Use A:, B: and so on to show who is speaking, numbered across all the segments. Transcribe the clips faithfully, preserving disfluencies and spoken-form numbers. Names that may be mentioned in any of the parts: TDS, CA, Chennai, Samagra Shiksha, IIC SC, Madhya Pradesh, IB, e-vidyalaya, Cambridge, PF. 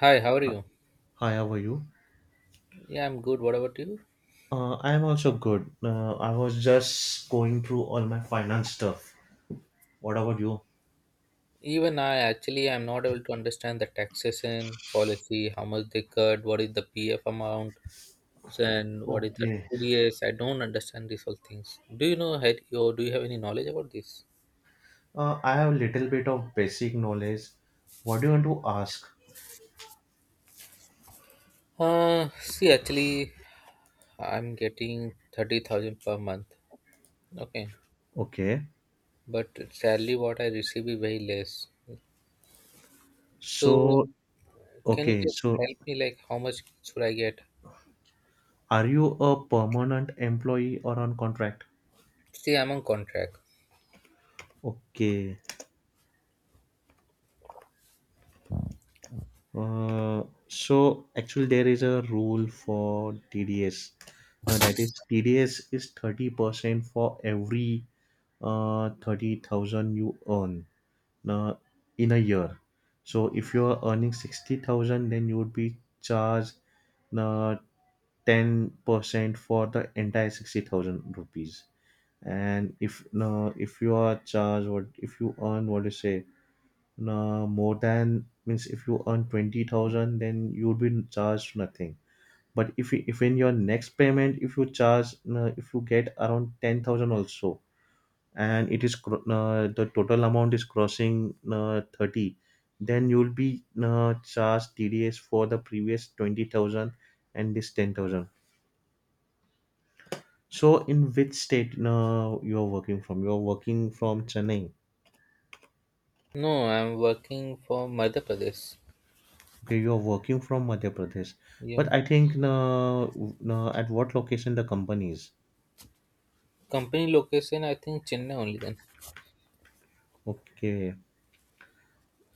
A: Hi, how are you?
B: Hi, how are you?
A: Yeah, I'm good. What about you?
B: Uh, I am also good. Uh, I was just going through all my finance stuff. What about you?
A: Even I actually I'm not able to understand the taxation policy, how much they cut, what is the P F amount, and what is the
B: Okay.
A: T D S. I don't understand these all things. Do you know had or do you have any knowledge about this?
B: Uh, I have a little bit of basic knowledge. What do you want to ask?
A: Uh see actually I'm getting thirty thousand per month. Okay.
B: Okay.
A: But sadly what I receive is very less. So
B: So,
A: can you
B: okay.
A: just
B: So,
A: help me like how much should I get?
B: are you a permanent employee or on contract?
A: See, I'm on contract.
B: Okay. Uh, so actually there is a rule for T D S. Uh, that is T D S is thirty percent for every uh, thirty thousand you earn uh, in a year. So if you are earning sixty thousand then you would be charged uh, ten percent for the entire sixty thousand rupees. And if uh, if you are charged, what if you earn, what do you say, uh, more than, means if you earn twenty thousand then you'll be charged nothing, but if you, if in your next payment if you charge uh, if you get around ten thousand also and it is cro- uh, the total amount is crossing uh, thirty, then you'll be uh, charged T D S for the previous twenty thousand and this ten thousand. So in which state uh, you are working from, you are working from Chennai?
A: No, I'm working for Madhya Pradesh.
B: Okay, you're working from Madhya Pradesh,
A: Yeah.
B: but I think, uh, uh, at what location the company is?
A: Company location, I think Chennai only then.
B: Okay,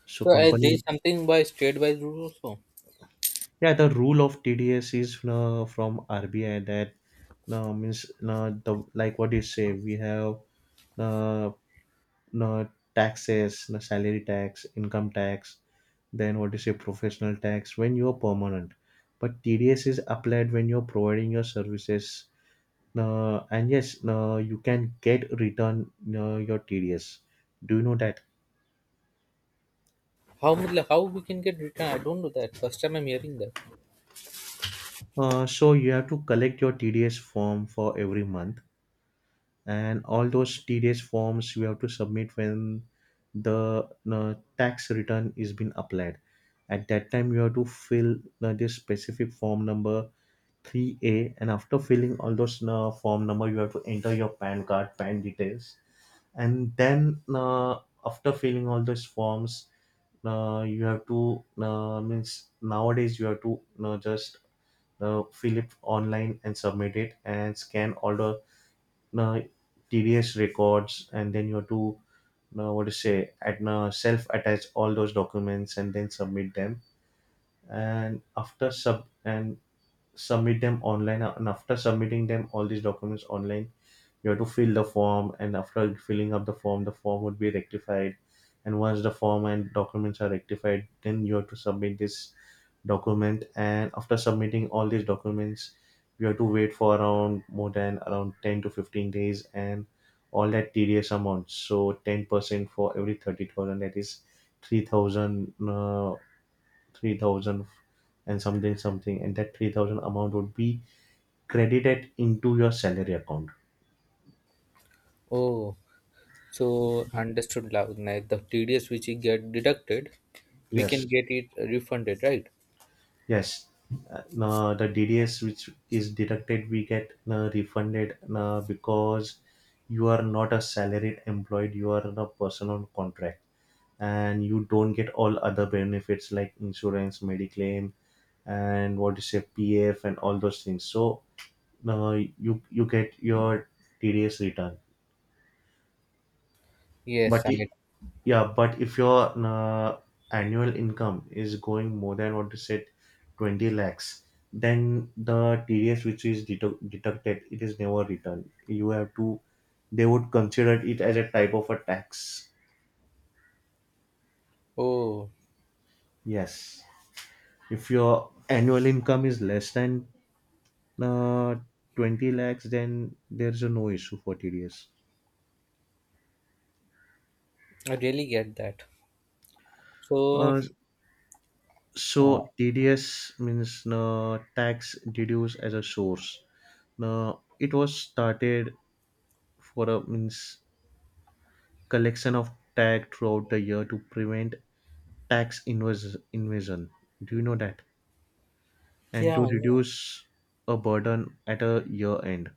B: so
A: So I
B: company,
A: did something by state by rule also.
B: yeah, the rule of T D S is uh, from R B I. That uh, means, uh, the, like what you say? We have uh, uh, taxes, uh, salary tax, income tax, then what do you say? Professional tax when you're permanent, but T D S is applied when you're providing your services. Uh, and yes, uh, you can get return uh, your T D S. Do you know that?
A: How much- how we can get return? I don't know that. First time I'm hearing that.
B: Uh, so you have to collect your T D S form for every month, and all those T D S forms you have to submit when the uh, tax return is been applied. At that time, you have to fill uh, this specific form number three A, and after filling all those uh, form number, you have to enter your PAN card, PAN details, and then, uh, after filling all those forms, uh, you have to, uh, means, nowadays you have to uh, just uh, fill it online and submit it and scan all the uh, T D S records, and then you have to, uh, what to say, at uh, self attach all those documents and then submit them, and after sub and submit them online, and after submitting them, all these documents online you have to fill the form, and after filling up the form, the form would be rectified, and once the form and documents are rectified, then you have to submit this document, and after submitting all these documents you have to wait for around, more than around ten to fifteen days, and all that tedious amount, so ten percent for every thirty thousand, that is three thousand, uh, three thousand and something something, and that three thousand amount would be credited into your salary account.
A: Oh, so understood now. Like the T D S which we get deducted, we can
B: Yes,
A: get it refunded, right?
B: yes. Uh, now the D D S which is deducted, we get uh, refunded uh, because you are not a salaried employed. You are a person on contract, and you don't get all other benefits like insurance, mediclaim, and what you say P F and all those things. So, uh, you you get your T D S return,
A: Yes,
B: but
A: I
B: i-
A: get.
B: yeah, but if your uh, annual income is going more than what you said, twenty lakhs, then the T D S which is dedu- deducted, it is never returned. You have to, they would consider it as a type of a tax.
A: Oh,
B: Yes. If your annual income is less than uh, twenty lakhs, then there's a no issue for T D S.
A: I really get that. So,
B: Uh,
A: uh,
B: so T D S means uh, tax deduced as a source. Now, it was started for, a means, collection of tag throughout the year to prevent tax invas- invasion. Do you know that? And
A: yeah,
B: to
A: I know.
B: reduce a burden at a year end.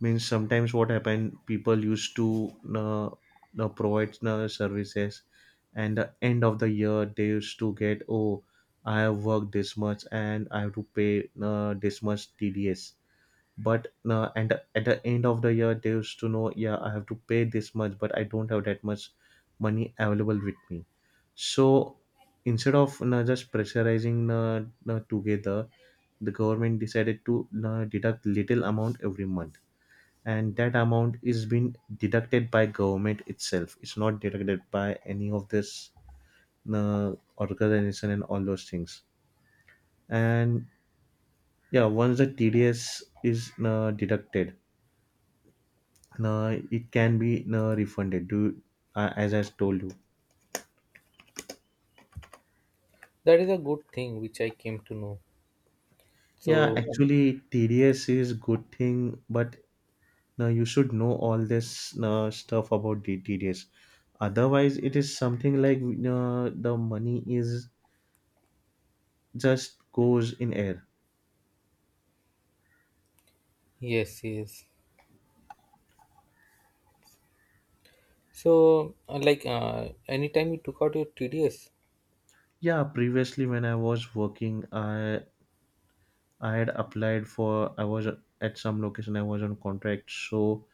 B: Means sometimes what happened, people used to, uh, uh, provide uh, services, and the end of the year they used to get, oh, I have worked this much and I have to pay uh, this much T D S, but uh, and at the end of the year they used to know, yeah I have to pay this much, but I don't have that much money available with me, so, instead of you just pressurizing, uh, you together, the government decided to, you, deduct little amount every month, and that amount is being deducted by government itself, it's not deducted by any of this uh, organization and all those things. And yeah, once the T D S is uh, deducted, no, it can be no refunded, do uh, as I told you.
A: That is a good thing which I came to know.
B: Yeah,
A: So,
B: actually, T D S is good thing, but no, you should know all this, no, stuff about the T D S. Otherwise, it is something like, no, the money is just goes in air.
A: yes, yes. So, uh, like, uh, anytime you took out your T D S,
B: Yeah, previously when I was working, I I had applied for. I was at some location. I was on contract, so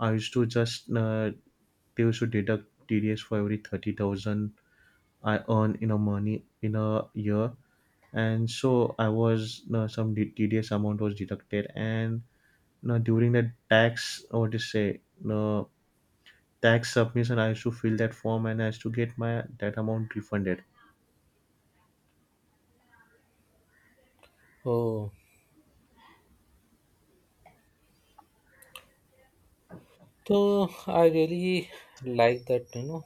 B: I used to just, uh, they used to deduct T D S for every thirty thousand I earn in a money in a year, and so I was, you know, some t- tedious amount was deducted, and, you know, during the tax, what to say, you know, tax submission, I used to fill that form and I used to get my that amount refunded.
A: oh, so I really like that, you know.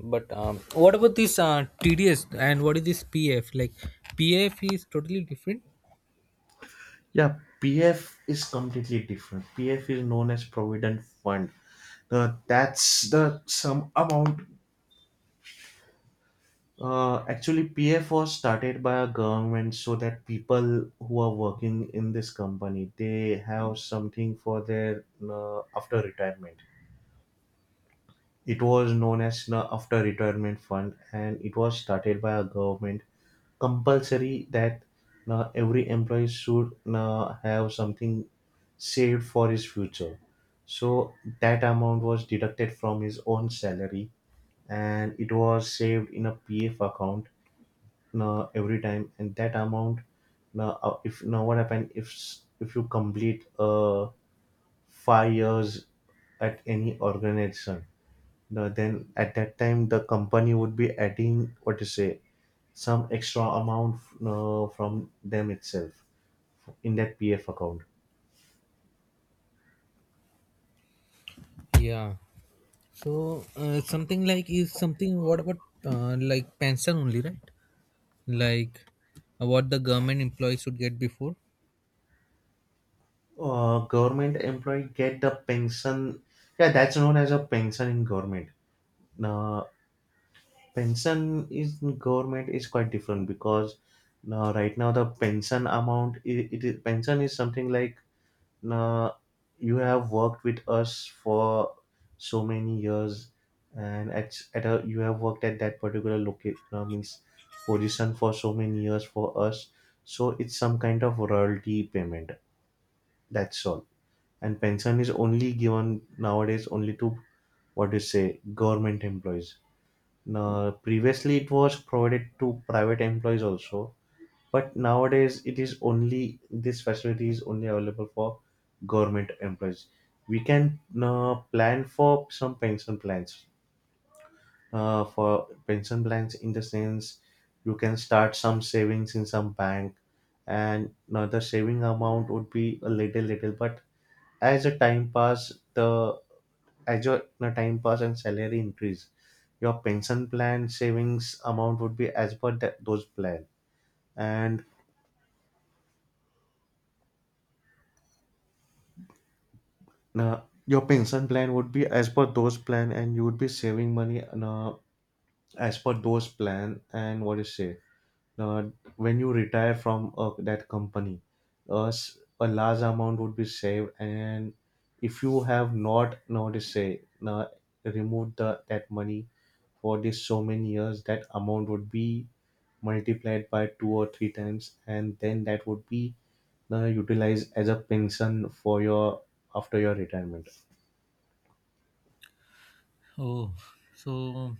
A: But um, what about this uh, T D S and what is this P F? Like, P F is totally different.
B: Yeah, P F is completely different. P F is known as Provident Fund. Uh, that's the some amount. Uh, actually, P F was started by a government so that people who are working in this company they have something for their uh, after retirement. It was known as the after retirement fund, and it was started by a government compulsory, that uh, every employee should uh, have something saved for his future. So that amount was deducted from his own salary, and it was saved in a P F account uh, every time, and that amount, now uh, if, now, what happen, if s- if you complete uh, five years at any organization, now then at that time the company would be adding, what to say, some extra amount uh, from them itself in that P F account.
A: Yeah. So, uh, something like is something. What about uh, like pension only, right? Like, uh, what the government employees should get before.
B: uh, government employee get the pension, yeah that's known as a pension in government. Now, pension is, government is quite different, because now, right now the pension amount, i- it is, pension is something like, uh, you have worked with us for so many years, and at, at a, you have worked at that particular location uh, means position for so many years for us, so it's some kind of royalty payment, that's all. And pension is only given nowadays only to, what do you say, government employees. Now, previously it was provided to private employees also, but nowadays it is only, this facility is only available for government employees. We can uh, plan for some pension plans, uh, for pension plans, in the sense you can start some savings in some bank, and now the saving amount would be a little little, but as the time pass, the, as your the time pass and salary increase, your pension plan savings amount would be as per that, those plan, and uh, your pension plan would be as per those plan, and you would be saving money uh, as per those plan, and what do you say, uh, when you retire from uh, that company, uh, s- a large amount would be saved, and if you have not, now to say, uh, removed the, that money for this so many years, that amount would be multiplied by two or three times, and then that would be uh, utilized as a pension for your, after your retirement.
A: Oh, so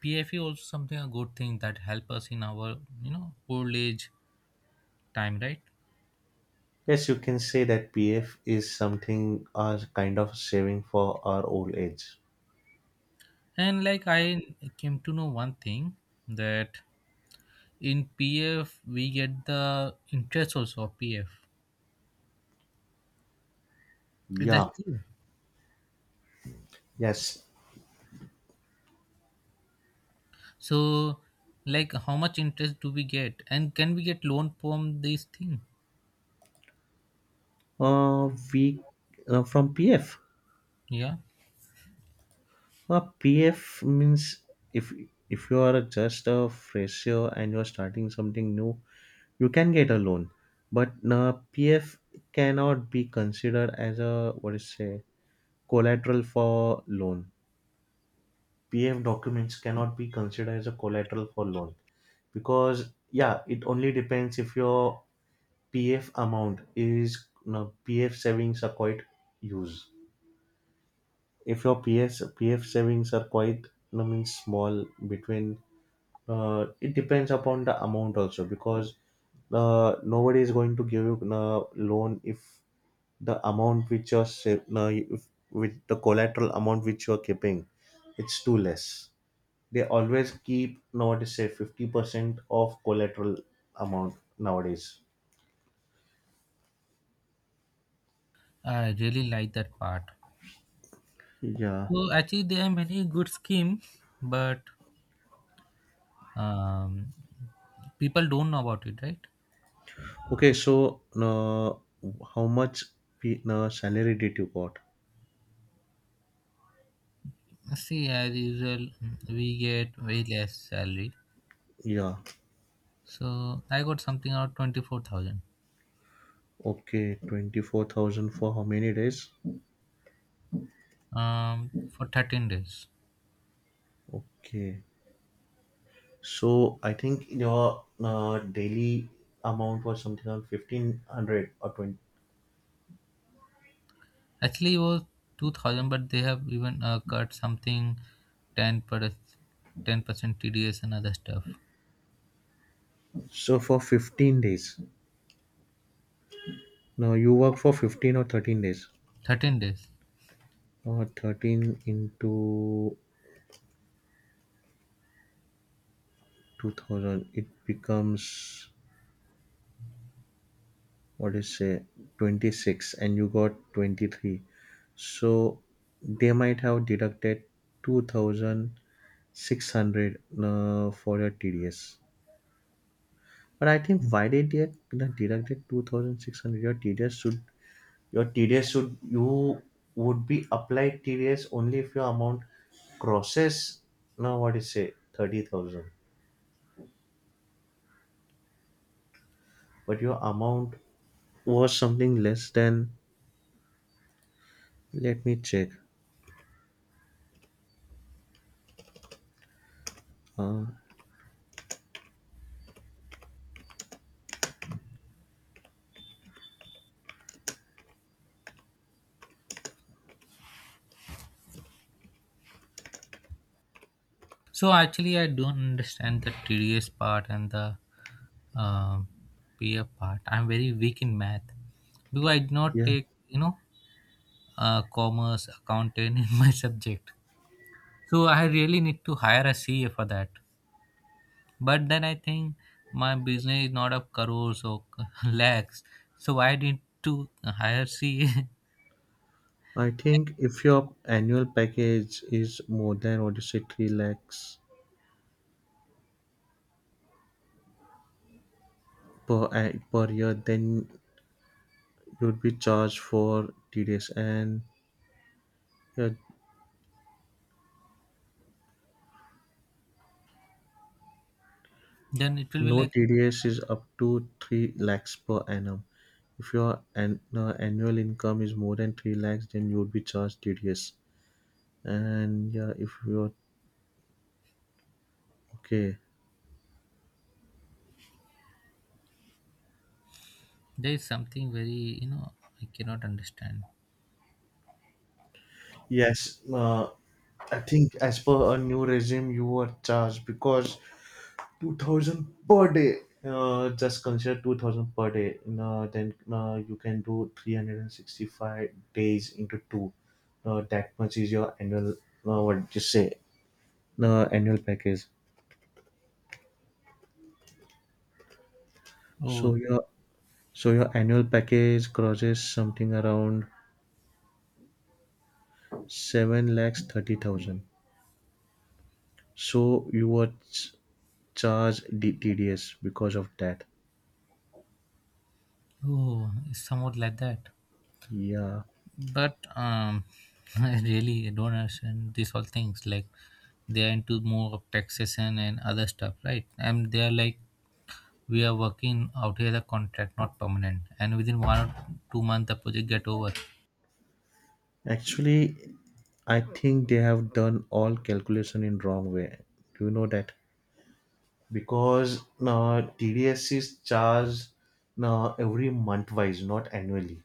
A: P F E also something a good thing that help us in our you know old age time, right?
B: Yes, you can say that pf is something, uh, kind of saving for our old age.
A: And like I came to know one thing that in P F we get the interest also of P F. Is that
B: Yeah,
A: true?
B: yes,
A: So like how much interest do we get and can we get loan from this thing?
B: uh, we uh, from P F.
A: Yeah.
B: Uh, P F means, if if you are just a fresher and you are starting something new, you can get a loan. But uh, P F cannot be considered as a, what is say, collateral for loan. P F documents cannot be considered as a collateral for loan, because yeah, it only depends if your P F amount is, you know, P F savings are quite used, if your P S P F savings are quite, you know, means small, between, uh, it depends upon the amount also, because uh, nobody is going to give you a loan if the amount which you're, sa- no, if, with the collateral amount which you're keeping, it's too less. They always keep nowadays, say, fifty percent of collateral amount nowadays.
A: I really like that part.
B: Yeah.
A: So actually there are many good schemes, but um, people don't know about it, right?
B: Okay, so, uh, how much p- uh, salary did you got?
A: See as usual we get very less salary.
B: Yeah.
A: So I got something around twenty four thousand.
B: Okay, twenty-four thousand for how many days?
A: Um, for thirteen days.
B: Okay. So I think your uh, daily amount was something around fifteen hundred or twenty.
A: Actually, it was two thousand, but they have even uh, cut something ten per ten percent T D S and other stuff.
B: So for fifteen days. Now, you work for fifteen or thirteen days.
A: thirteen days.
B: Or thirteen into two thousand, it becomes, what is say, twenty-six, and you got twenty-three. So they might have deducted two thousand six hundred uh, for your T D S. But I think why they did the deducted two thousand six hundred. Your T D S should your T D S should you would be applied T D S only if your amount crosses, now, what is say, thirty thousand. But your amount was something less than, let me check. Uh
A: So, actually, I don't understand the T D S part and the um P F part. I'm very weak in math because I did not
B: yeah.
A: take, you know, uh, commerce, accountant in my subject. So, I really need to hire a C A for that. But then I think my business is not of crores or lakhs. So I need to hire C A
B: I think if your annual package is more than, what you say, three lakhs per a- per year, then you'd be charged for T D S and your,
A: Then it will be
B: no,
A: like
B: T D S is up to three lakhs per annum. If your an, uh, annual income is more than three lakhs, then you would be charged T D S. And yeah, if you're okay,
A: there is something very you know I cannot understand.
B: yes, uh, I think as per a new regime, you are charged because two thousand per day. Uh, just consider two thousand per day. Uh, then uh, you can do three hundred sixty-five days into two. Uh, that much is your annual, uh, what you say, uh, annual package. So
A: Oh,
B: your so your annual package crosses something around seven lakhs thirty thousand. So you were ch- charged D- T D S because of that.
A: oh, it's somewhat like that.
B: Yeah,
A: But um, I really don't understand these all things. Like they are into more of taxation and other stuff, right? And they are like we are working out here the contract, not permanent. And within one or two months, the project get over.
B: actually, I think they have done all calculation in wrong way. Do you know that? Because now T D S is charged, now every month wise, not annually.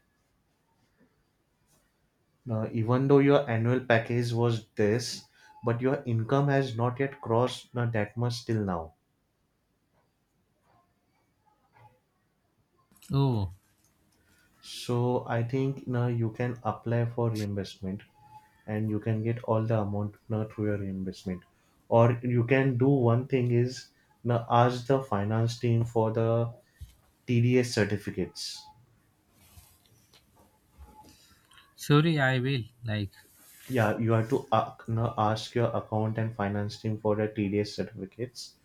B: Now, even though your annual package was this, but your income has not yet crossed, now that much, till now.
A: Oh,
B: So I think now you can apply for reimbursement and you can get all the amount now through your reimbursement. Or you can do one thing is, now ask the finance team for the T D S certificates.
A: sorry, I will. Like,
B: Yeah, you have to, uh, now ask your account and finance team for the T D S certificates,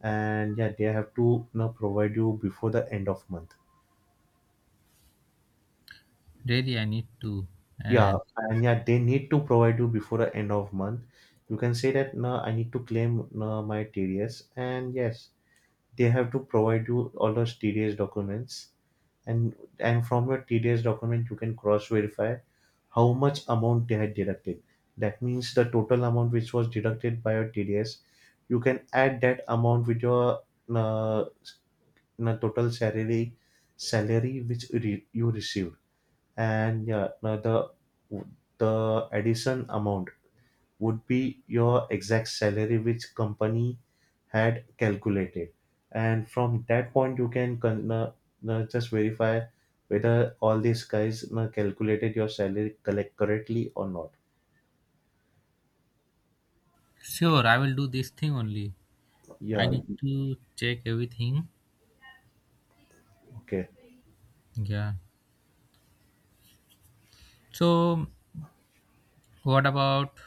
B: and yeah, they have to now provide you before the end of month.
A: really, I need to.
B: Yeah,
A: And
B: and yeah, they need to provide you before the end of month. You can say that no, I need to claim, no, my T D S, and yes, they have to provide you all those T D S documents, and and from your T D S document you can cross verify how much amount they had deducted. That means the total amount which was deducted by your T D S, you can add that amount with your, uh, s- uh, total salary salary which re- you receive. And yeah, now the the addition amount would be your exact salary which company had calculated, and from that point you can, con- uh, uh, just verify whether all these guys uh, calculated your salary collect correctly or not.
A: sure, I will do this thing only. I
B: Yeah.
A: need to check everything.
B: Okay,
A: Yeah. So, what about,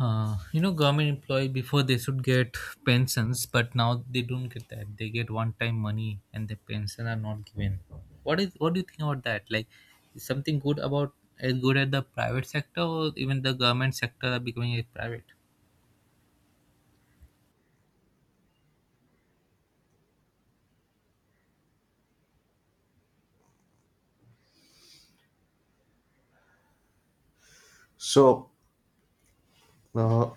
A: uh, you know, government employee before they should get pensions, but now they don't get that. They get one-time money, and the pension are not given. What is? What do you think about that? Like, is something good about as good at the private sector, or even the government sector are becoming a private?
B: so, uh,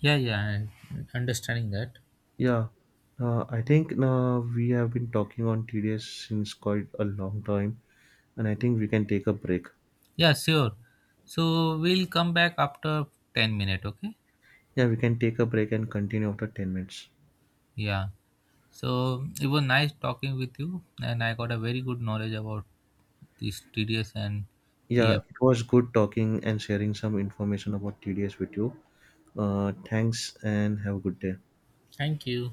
A: Yeah, yeah, I understanding that.
B: yeah, uh, I think, uh, we have been talking on T D S since quite a long time, and I think we can take a break.
A: Yeah, sure. So we'll come back after ten minutes, okay?
B: Yeah, we can take a break and continue after ten minutes.
A: Yeah. So it was nice talking with you, and I got a very good knowledge about this T D S and
B: Yeah,
A: P F.
B: it was good talking and sharing some information about T D S with you. Uh, thanks and have a good day.
A: Thank you.